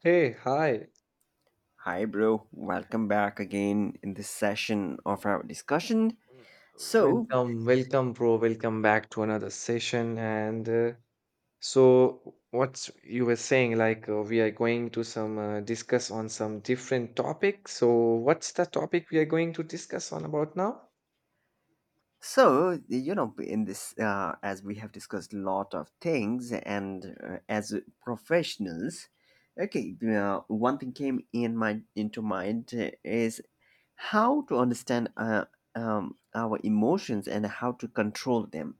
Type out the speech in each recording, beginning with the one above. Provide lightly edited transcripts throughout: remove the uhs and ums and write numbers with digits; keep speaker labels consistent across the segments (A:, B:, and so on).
A: Hey, hi.
B: Hi, bro. Welcome back again in this session of our discussion.
A: Mm,
B: So,
A: welcome, bro. Welcome back to another session. What you were saying, we are going to some discuss on some different topic. So, what's the topic we are going to discuss on about now?
B: in this, as we have discussed a lot of things, and as professionals, okay, one thing came in my into mind is how to understand our emotions and how to control them,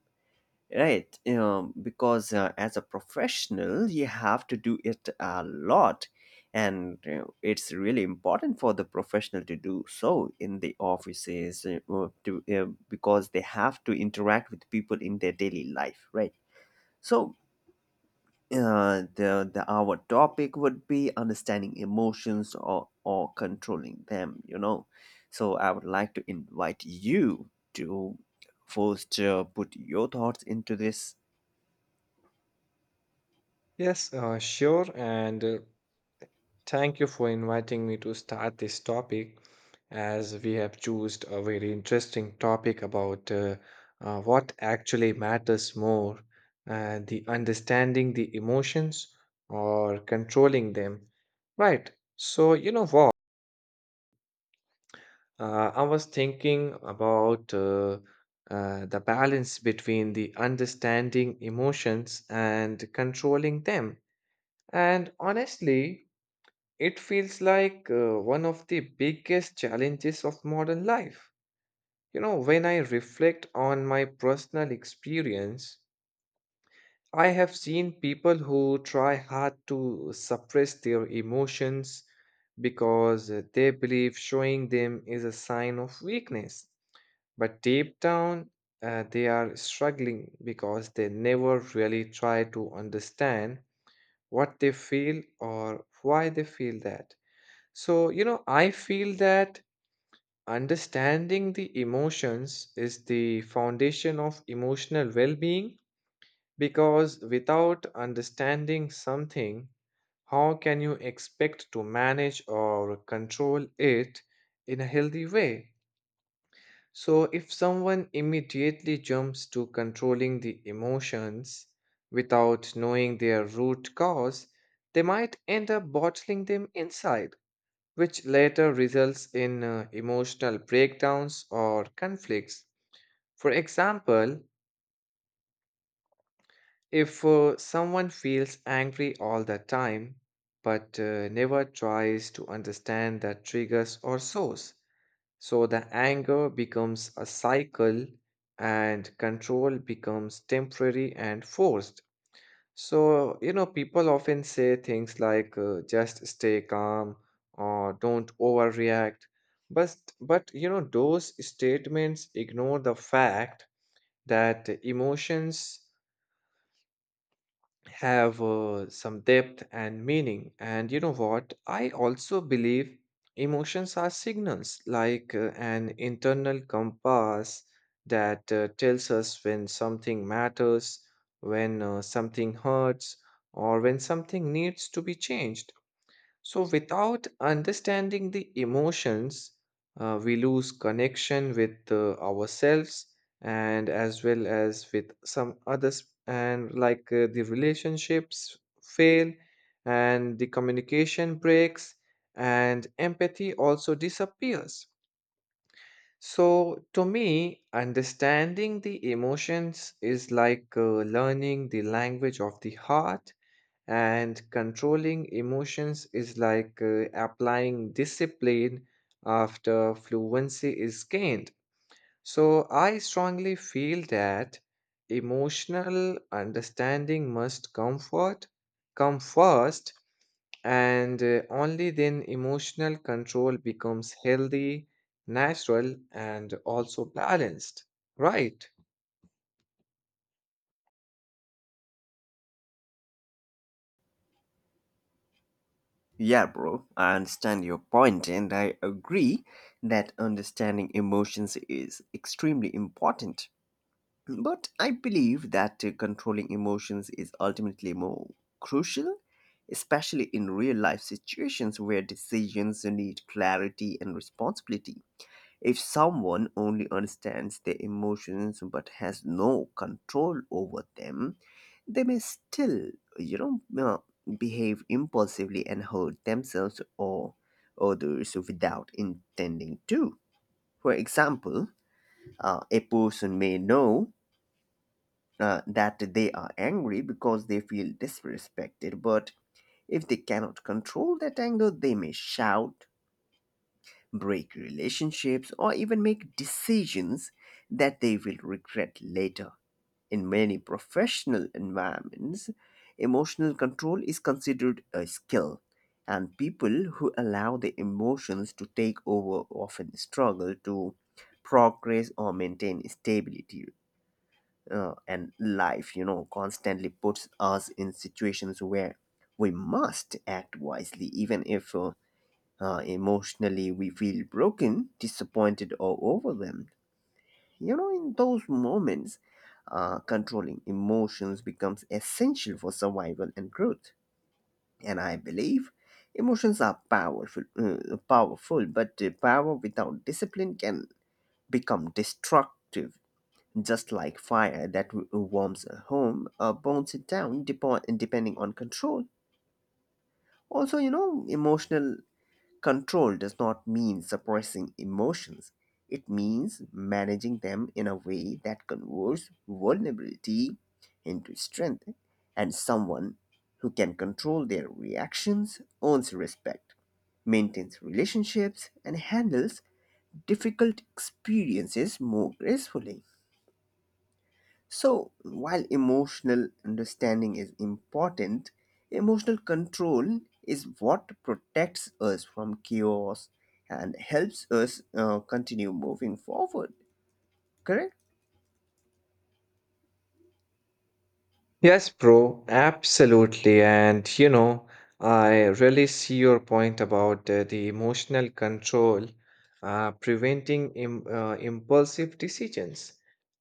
B: right. Because as a professional you have to do it a lot, and it's really important for the professional to do so in the offices, or to, because they have to interact with people in their daily life, right. So the our topic would be understanding emotions or controlling them. So I would like to invite you to first put your thoughts into this.
A: Yes, sure. And thank you for inviting me to start this topic, as we have chosen a very interesting topic about what actually matters more, the understanding the emotions or controlling them. Right. So, you know what? I was thinking about the balance between the understanding emotions and controlling them. And honestly, it feels like one of the biggest challenges of modern life. You know, when I reflect on my personal experience, I have seen people who try hard to suppress their emotions because they believe showing them is a sign of weakness. But deep down, they are struggling because they never really try to understand what they feel or why they feel that. So, you know, I feel that understanding the emotions is the foundation of emotional well being, because without understanding something, how can you expect to manage or control it in a healthy way? So, if someone immediately jumps to controlling the emotions without knowing their root cause, they might end up bottling them inside, which later results in emotional breakdowns or conflicts. For example, if someone feels angry all the time but never tries to understand the triggers or source, so the anger becomes a cycle and control becomes temporary and forced. So, you know, people often say things like just stay calm or don't overreact. But you know, those statements ignore the fact that emotions have some depth and meaning. And you know what? I also believe emotions are signals, like an internal compass that tells us when something matters, when something hurts, or when something needs to be changed. So, without understanding the emotions, we lose connection with ourselves and as well as with some others, and like the relationships fail, and the communication breaks, and empathy also disappears. So, to me, understanding the emotions is like learning the language of the heart, and controlling emotions is like applying discipline after fluency is gained. So I strongly feel that emotional understanding must comfort come first, and only then emotional control becomes healthy, natural and also balanced, right?
B: Yeah, bro, I understand your point, and I agree that understanding emotions is extremely important. But I believe that controlling emotions is ultimately more crucial, especially in real life situations where decisions need clarity and responsibility. If someone only understands their emotions but has no control over them, they may still, you know, uh, behave impulsively and hurt themselves or others without intending to. For example, a person may know that they are angry because they feel disrespected, but if they cannot control that anger, they may shout, break relationships, or even make decisions that they will regret later. In many professional environments, emotional control is considered a skill, and people who allow their emotions to take over often struggle to progress or maintain stability. And life, you know, constantly puts us in situations where we must act wisely, even if emotionally, we feel broken, disappointed, or overwhelmed. You know, in those moments, controlling emotions becomes essential for survival and growth. And I believe emotions are powerful, but power without discipline can become destructive. Just like fire that warms a home, burns it down, depending on control. Also, you know, emotional control does not mean suppressing emotions. It means managing them in a way that converts vulnerability into strength, and someone who can control their reactions earns respect, maintains relationships, and handles difficult experiences more gracefully. So, while emotional understanding is important, emotional control is what protects us from chaos and helps us continue moving forward. Correct?
A: Yes, bro, absolutely. And you know, I really see your point about the emotional control preventing im impulsive decisions.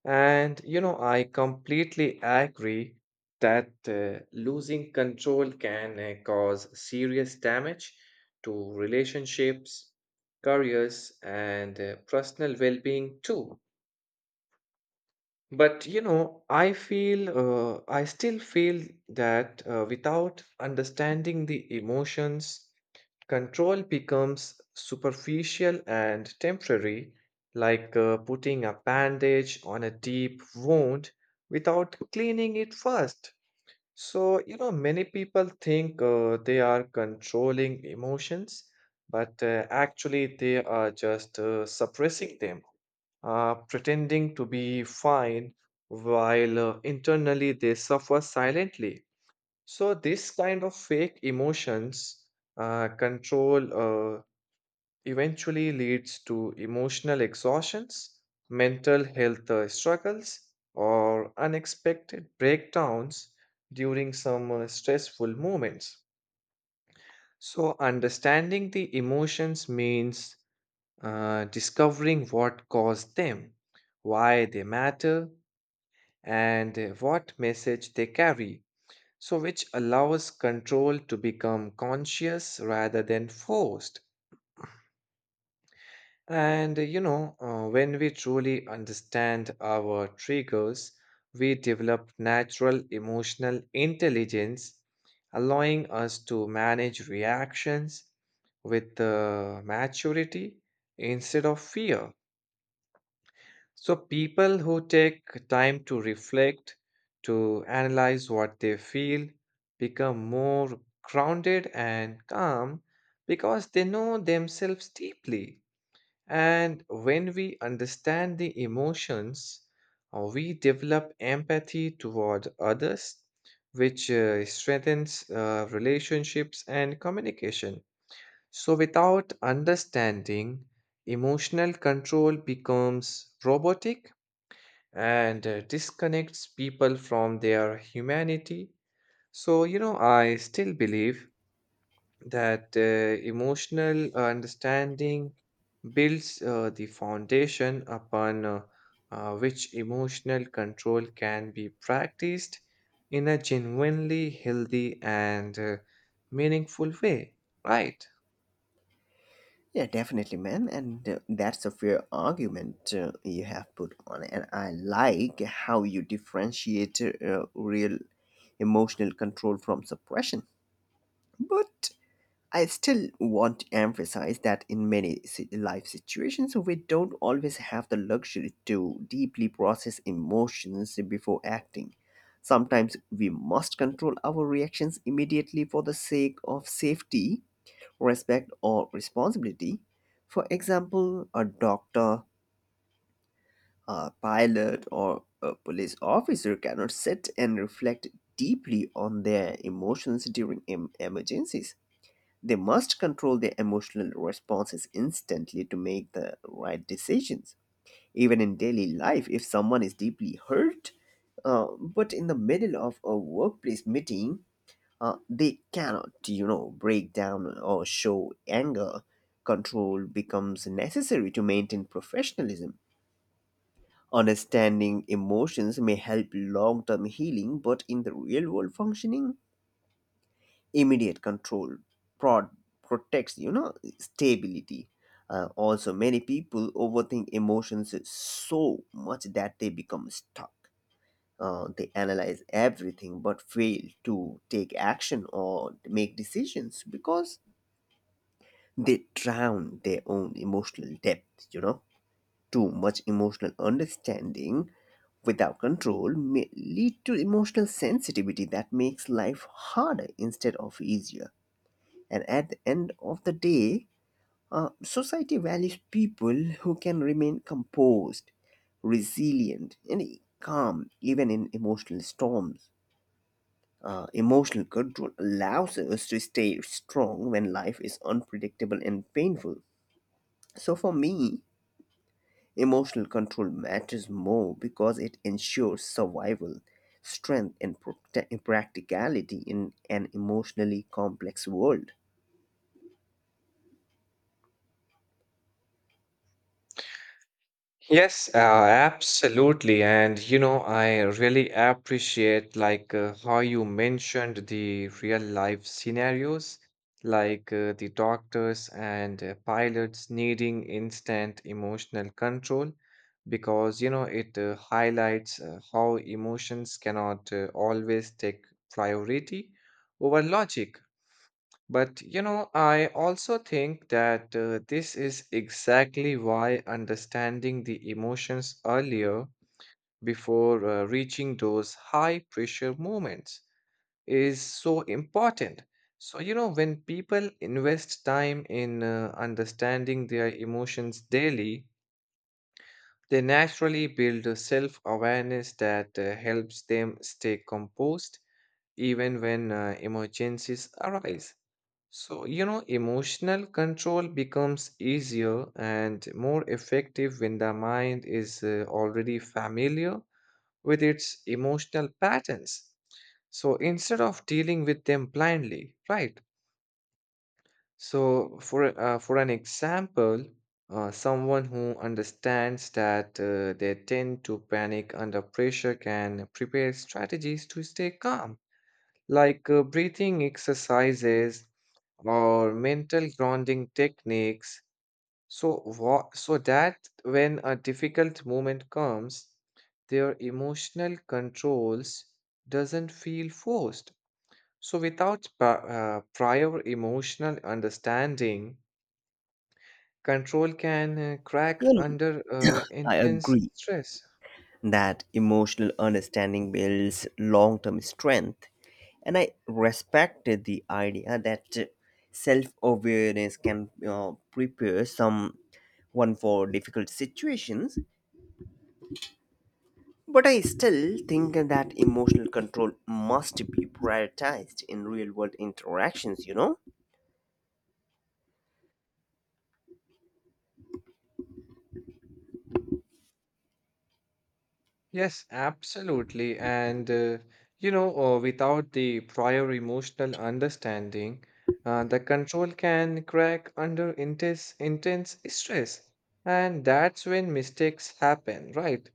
A: And you know, I completely agree that losing control can cause serious damage to relationships, careers, and personal well-being too. But you know, I still feel that without understanding the emotions, control becomes superficial and temporary, like putting a bandage on a deep wound without cleaning it first. So, you know, many people think they are controlling emotions, but actually they are just suppressing them, pretending to be fine while internally they suffer silently. So, this kind of fake emotions control eventually leads to emotional exhaustions, mental health struggles, or unexpected breakdowns during some stressful moments. So, understanding the emotions means discovering what caused them, why they matter, and what message they carry, so which allows control to become conscious rather than forced. And you know, when we truly understand our triggers, we develop natural emotional intelligence, allowing us to manage reactions with maturity instead of fear. So, people who take time to reflect, to analyze what they feel, become more grounded and calm because they know themselves deeply. And when we understand the emotions, we develop empathy toward others, which strengthens relationships and communication. So, without understanding, emotional control becomes robotic and disconnects people from their humanity. So, you know, I still believe that emotional understanding builds the foundation upon which emotional control can be practiced in a genuinely healthy and meaningful way, right?
B: Yeah, definitely, ma'am. And that's a fair argument you have put on. And I like how you differentiate real emotional control from suppression. But I still want to emphasize that in many life situations, we don't always have the luxury to deeply process emotions before acting. Sometimes we must control our reactions immediately for the sake of safety, respect, or responsibility. For example, a doctor, a pilot, or a police officer cannot sit and reflect deeply on their emotions during emergencies. They must control their emotional responses instantly to make the right decisions. Even in daily life, if someone is deeply hurt, but in the middle of a workplace meeting, they cannot, you know, break down or show anger. Control becomes necessary to maintain professionalism. Understanding emotions may help long term healing, but in the real world functioning, immediate control prod protects, you know, stability. Also, many people overthink emotions so much that they become stuck. They analyze everything but fail to take action or make decisions because they drown their own emotional depth. You know, too much emotional understanding without control may lead to emotional sensitivity that makes life harder instead of easier. And at the end of the day, society values people who can remain composed, resilient, and calm even in emotional storms. Emotional control allows us to stay strong when life is unpredictable and painful. So, for me, emotional control matters more because it ensures survival, strength, and practicality in an emotionally complex world.
A: Yes, absolutely. And you know, I really appreciate like how you mentioned the real life scenarios, like the doctors and pilots needing instant emotional control, because you know it highlights how emotions cannot always take priority over logic. But you know, I also think that this is exactly why understanding the emotions earlier, before reaching those high pressure moments, is so important. So, you know, when people invest time in understanding their emotions daily, they naturally build a self awareness that helps them stay composed even when emergencies arise. So, you know, emotional control becomes easier and more effective when the mind is already familiar with its emotional patterns, so instead of dealing with them blindly, right? So, for an example, someone who understands that they tend to panic under pressure can prepare strategies to stay calm, like breathing exercises or mental grounding techniques. So, so that when a difficult moment comes, their emotional controls doesn't feel forced. So, without prior emotional understanding, control can crack
B: You know,
A: under
B: I
A: intense
B: agree
A: stress.
B: that emotional understanding builds long term strength. And I respected the idea that self awareness can prepare someone for difficult situations. But I still think that emotional control must be prioritized in real world interactions, you know?
A: Yes, absolutely. You know, without the prior emotional understanding, the control can crack under intense stress. And that's when mistakes happen, right?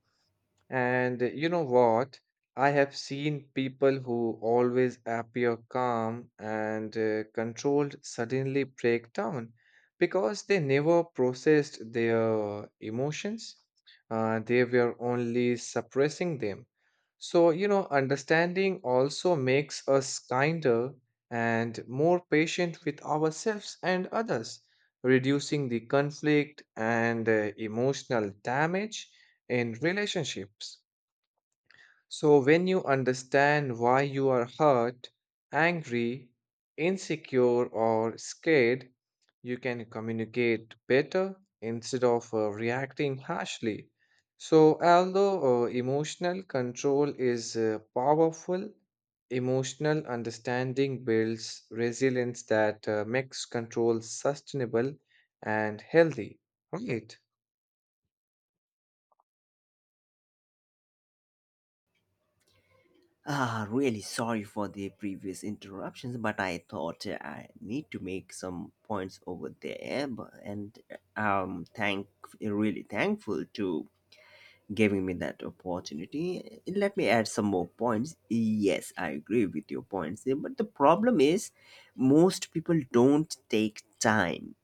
A: And you know what? I have seen people who always appear calm and controlled suddenly break down because they never processed their emotions. They were only suppressing them. So, you know, understanding also makes us kinder and more patient with ourselves and others, reducing the conflict and emotional damage in relationships. So, when you understand why you are hurt, angry, insecure, or scared, you can communicate better instead of reacting harshly. So, although emotional control is powerful, emotional understanding builds resilience that makes control sustainable and healthy, right?
B: Ah, really sorry for the previous interruptions, but I thought I need to make some points over there, and thank, really thankful to giving me that opportunity. Let me add some more points. Yes, I agree with your points there, but the problem is most people don't take time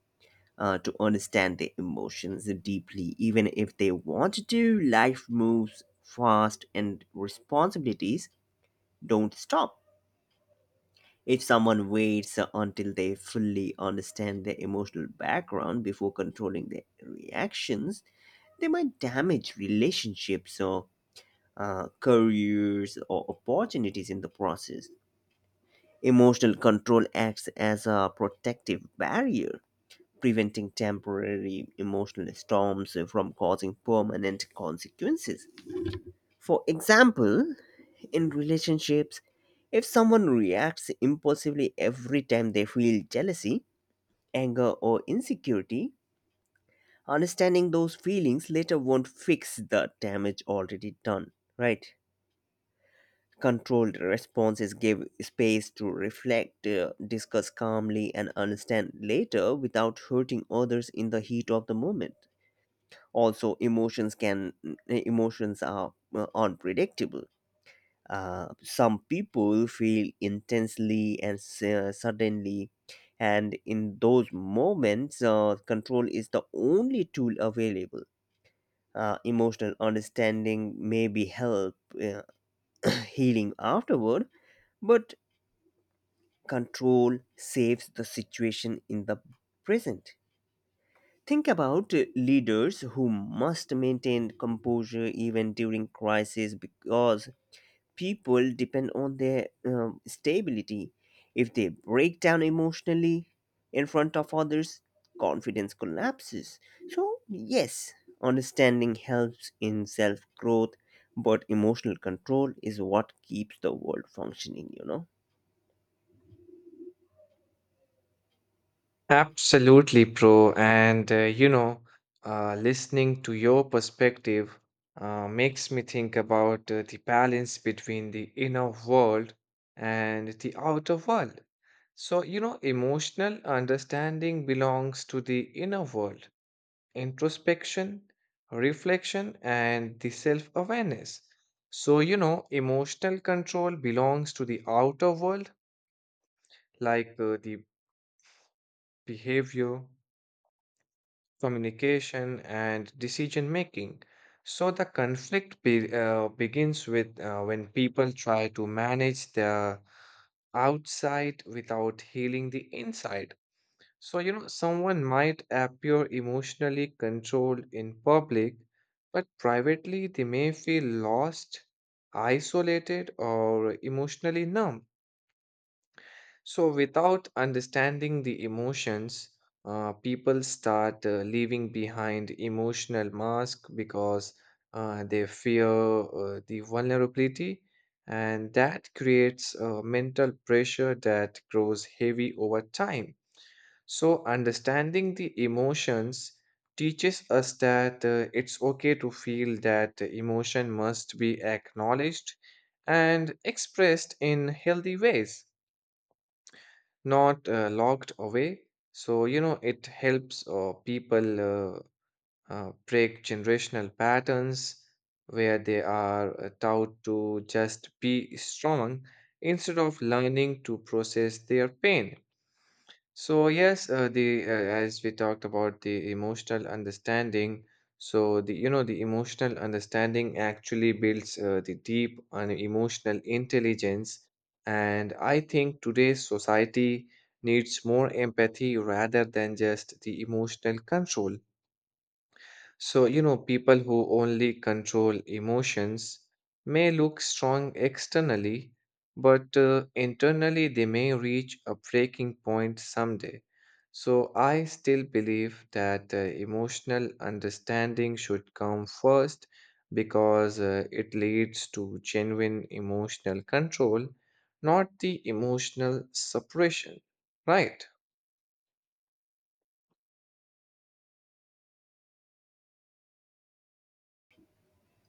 B: to understand their emotions deeply. Even if they want to, life moves fast and responsibilities don't stop. If someone waits until they fully understand their emotional background before controlling their reactions, they might damage relationships or careers or opportunities in the process. Emotional control acts as a protective barrier, preventing temporary emotional storms from causing permanent consequences. For example, in relationships, if someone reacts impulsively every time they feel jealousy, anger, or insecurity, understanding those feelings later won't fix the damage already done, right? Controlled responses give space to reflect, discuss calmly, and understand later without hurting others in the heat of the moment. Also, emotions are unpredictable. Some people feel intensely and suddenly, and in those moments, control is the only tool available. Emotional understanding may be help uh, healing afterward, but control saves the situation in the present. Think about leaders who must maintain composure even during crisis because people depend on their stability. If they break down emotionally in front of others, confidence collapses. So, yes, understanding helps in self growth, but emotional control is what keeps the world functioning, you know.
A: Absolutely, bro. And you know, listening to your perspective makes me think about the balance between the inner world and the outer world. So, you know, emotional understanding belongs to the inner world, introspection, reflection, and the self-awareness. So, you know, emotional control belongs to the outer world, like the behavior, communication, and decision making. So the conflict begins with when people try to manage their outside without healing the inside. So, you know, someone might appear emotionally controlled in public, but privately they may feel lost, isolated, or emotionally numb. So, without understanding the emotions, people start leaving behind emotional mask because they fear the vulnerability, and that creates a mental pressure that grows heavy over time. So, understanding the emotions teaches us that it's okay to feel, that emotion must be acknowledged and expressed in healthy ways, not locked away. So, you know, it helps people break generational patterns where they are taught to just be strong instead of learning to process their pain. So yes, the as we talked about the emotional understanding, so the you know the emotional understanding actually builds the deep and emotional intelligence, and I think today's society needs more empathy rather than just the emotional control. So, you know, people who only control emotions may look strong externally, but internally they may reach a breaking point someday. So, I still believe that emotional understanding should come first because it leads to genuine emotional control, not the emotional suppression, right?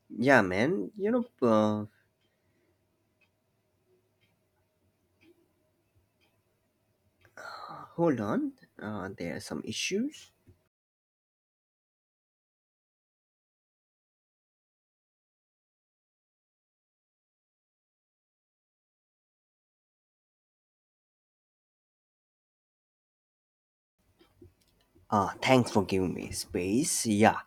B: Yeah, man, you know, hold on, there are some issues. Thanks for giving me space. Yeah.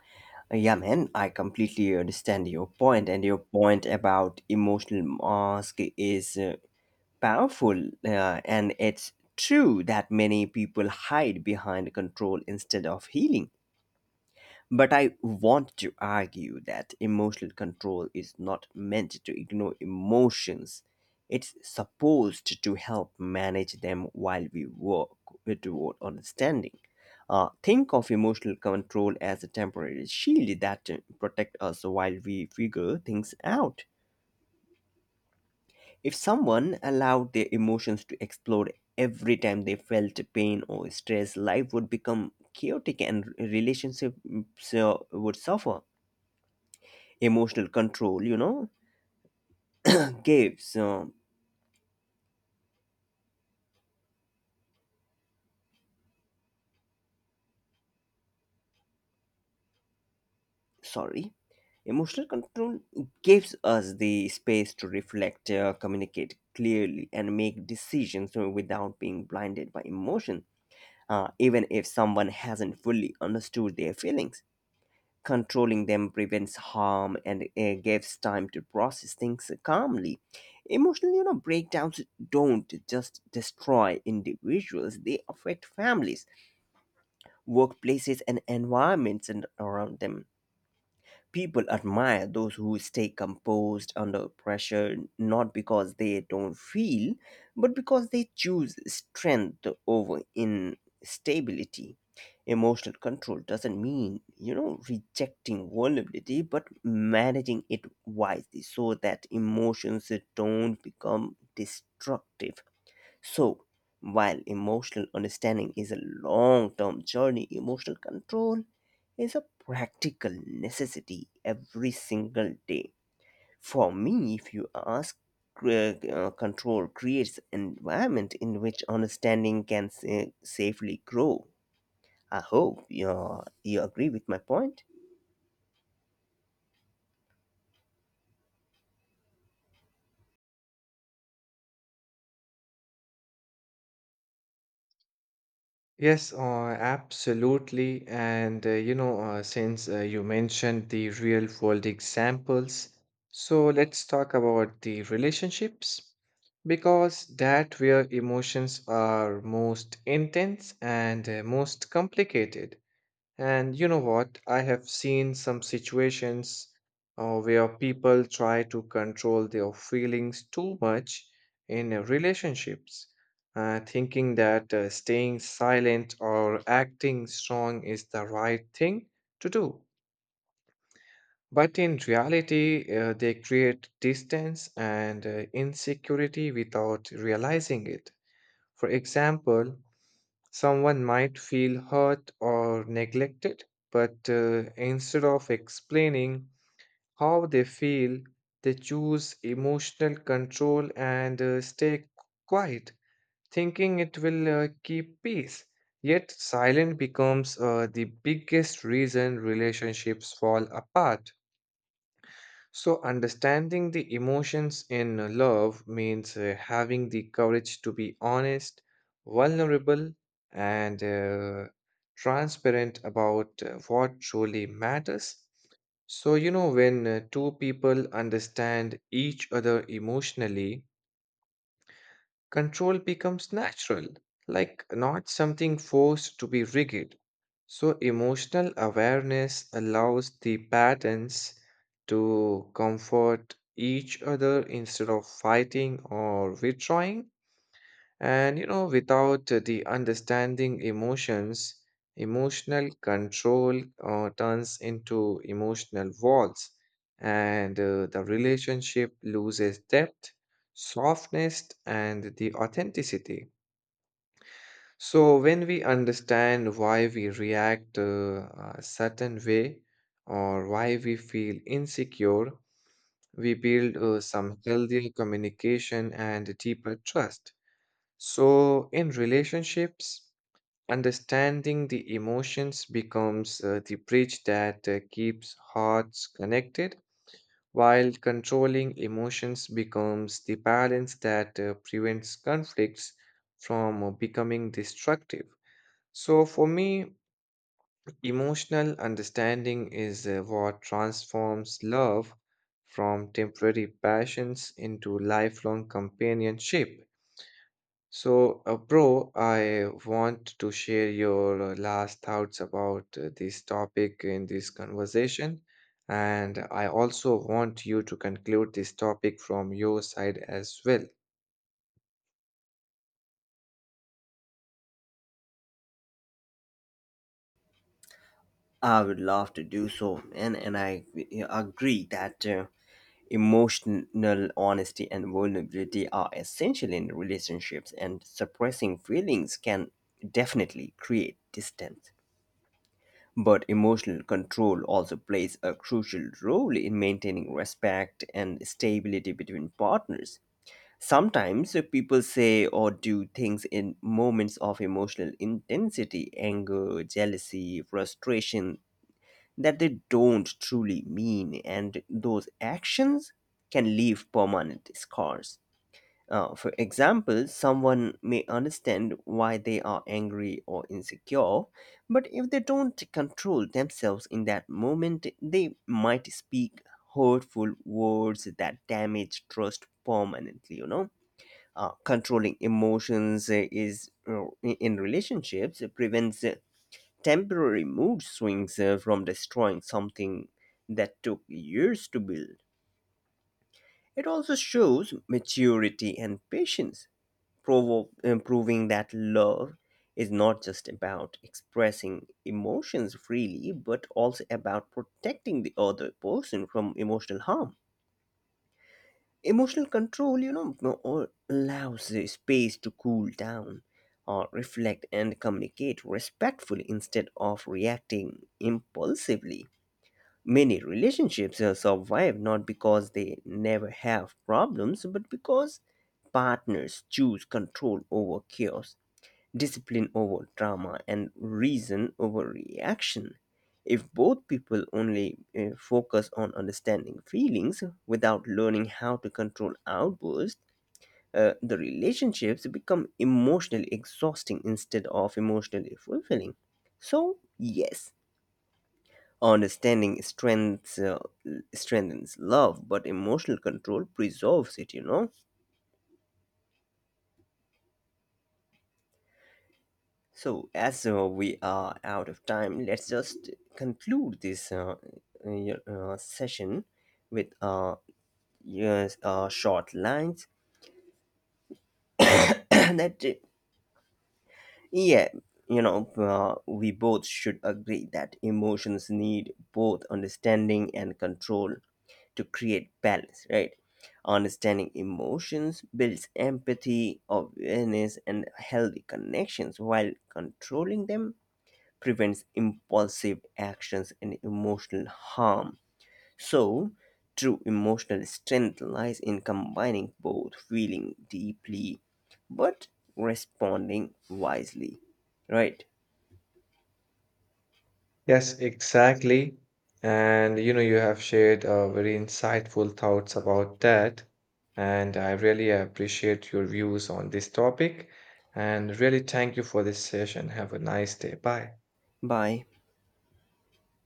B: Yeah, man, I completely understand your point, and your point about emotional mask is powerful, and it's true that many people hide behind control instead of healing. But I want to argue that emotional control is not meant to ignore emotions. It's supposed to help manage them while we work toward understanding. Think of emotional control as a temporary shield that protect us while we figure things out. If someone allowed their emotions to explode every time they felt pain or stress, life would become chaotic and relationships would suffer. Emotional control, you know, gives sorry emotional control gives us the space to reflect, communicate clearly and make decisions without being blinded by emotion. Even if someone hasn't fully understood their feelings, controlling them prevents harm and gives time to process things calmly. Emotional, you know, breakdowns don't just destroy individuals, they affect families, workplaces, and environments around them. People admire those who stay composed under pressure not because they don't feel, but because they choose strength over instability. Emotional control doesn't mean, you know, rejecting vulnerability, but managing it wisely so that emotions don't become destructive. So, while emotional understanding is a long term journey, emotional control is a practical necessity every single day. For me, if you ask, control creates an environment in which understanding can safely grow. I hope you agree with my point.
A: Yes, absolutely. And you know, since you mentioned the real world examples, so let's talk about the relationships, because that where emotions are most intense and most complicated. And you know what? I have seen some situations where people try to control their feelings too much in relationships, thinking that staying silent or acting strong is the right thing to do. But in reality, they create distance and insecurity without realizing it. For example, someone might feel hurt or neglected, but instead of explaining how they feel, they choose emotional control and stay quiet, thinking it will keep peace. Yet, silence becomes the biggest reason relationships fall apart. So, understanding the emotions in love means having the courage to be honest, vulnerable, and transparent about what truly matters. So, you know, when two people understand each other emotionally, control becomes natural, like not something forced to be rigid. So, emotional awareness allows the patterns to comfort each other instead of fighting or withdrawing. And you know, without the understanding emotions, emotional control turns into emotional walls, and the relationship loses depth, softness, and the authenticity. So, when we understand why we react a certain way or why we feel insecure, we build some healthier communication and deeper trust. So, in relationships, understanding the emotions becomes the bridge that keeps hearts connected, while controlling emotions becomes the balance that prevents conflicts from becoming destructive. So, for me, emotional understanding is what transforms love from temporary passions into lifelong companionship. So, bro, I want to share your last thoughts about this topic in this conversation. And I also want you to conclude this topic from your side as well.
B: I would love to do so, and I agree that emotional honesty and vulnerability are essential in relationships, and suppressing feelings can definitely create distance. But emotional control also plays a crucial role in maintaining respect and stability between partners. Sometimes people say or do things in moments of emotional intensity, anger, jealousy, frustration, that they don't truly mean, and those actions can leave permanent scars. For example, someone may understand why they are angry or insecure, but if they don't control themselves in that moment, they might speak hurtful words that damage trust permanently, you know. Controlling emotions is in relationships prevents temporary mood swings from destroying something that took years to build. It also shows maturity and patience, proving that love is not just about expressing emotions freely, but also about protecting the other person from emotional harm. Emotional control, you know, allows the space to cool down or reflect and communicate respectfully instead of reacting impulsively. Many relationships survive not because they never have problems, but because partners choose control over chaos, discipline over drama, and reason over reaction. If both people only focus on understanding feelings without learning how to control outbursts, the relationships become emotionally exhausting instead of emotionally fulfilling. So, yes, understanding strengths strengthens love, but emotional control preserves it, you know. So as we are out of time, let's just conclude this session with yes, short lines that. Yeah, you know, we both should agree that emotions need both understanding and control to create balance, right? Understanding emotions builds empathy, awareness, and healthy connections, while controlling them prevents impulsive actions and emotional harm. So, true emotional strength lies in combining both feeling deeply but responding wisely. Right?
A: Yes, exactly. And you know, you have shared very insightful thoughts about that. And I really appreciate your views on this topic. And really thank you for this session. Have a nice day. Bye.
B: Bye.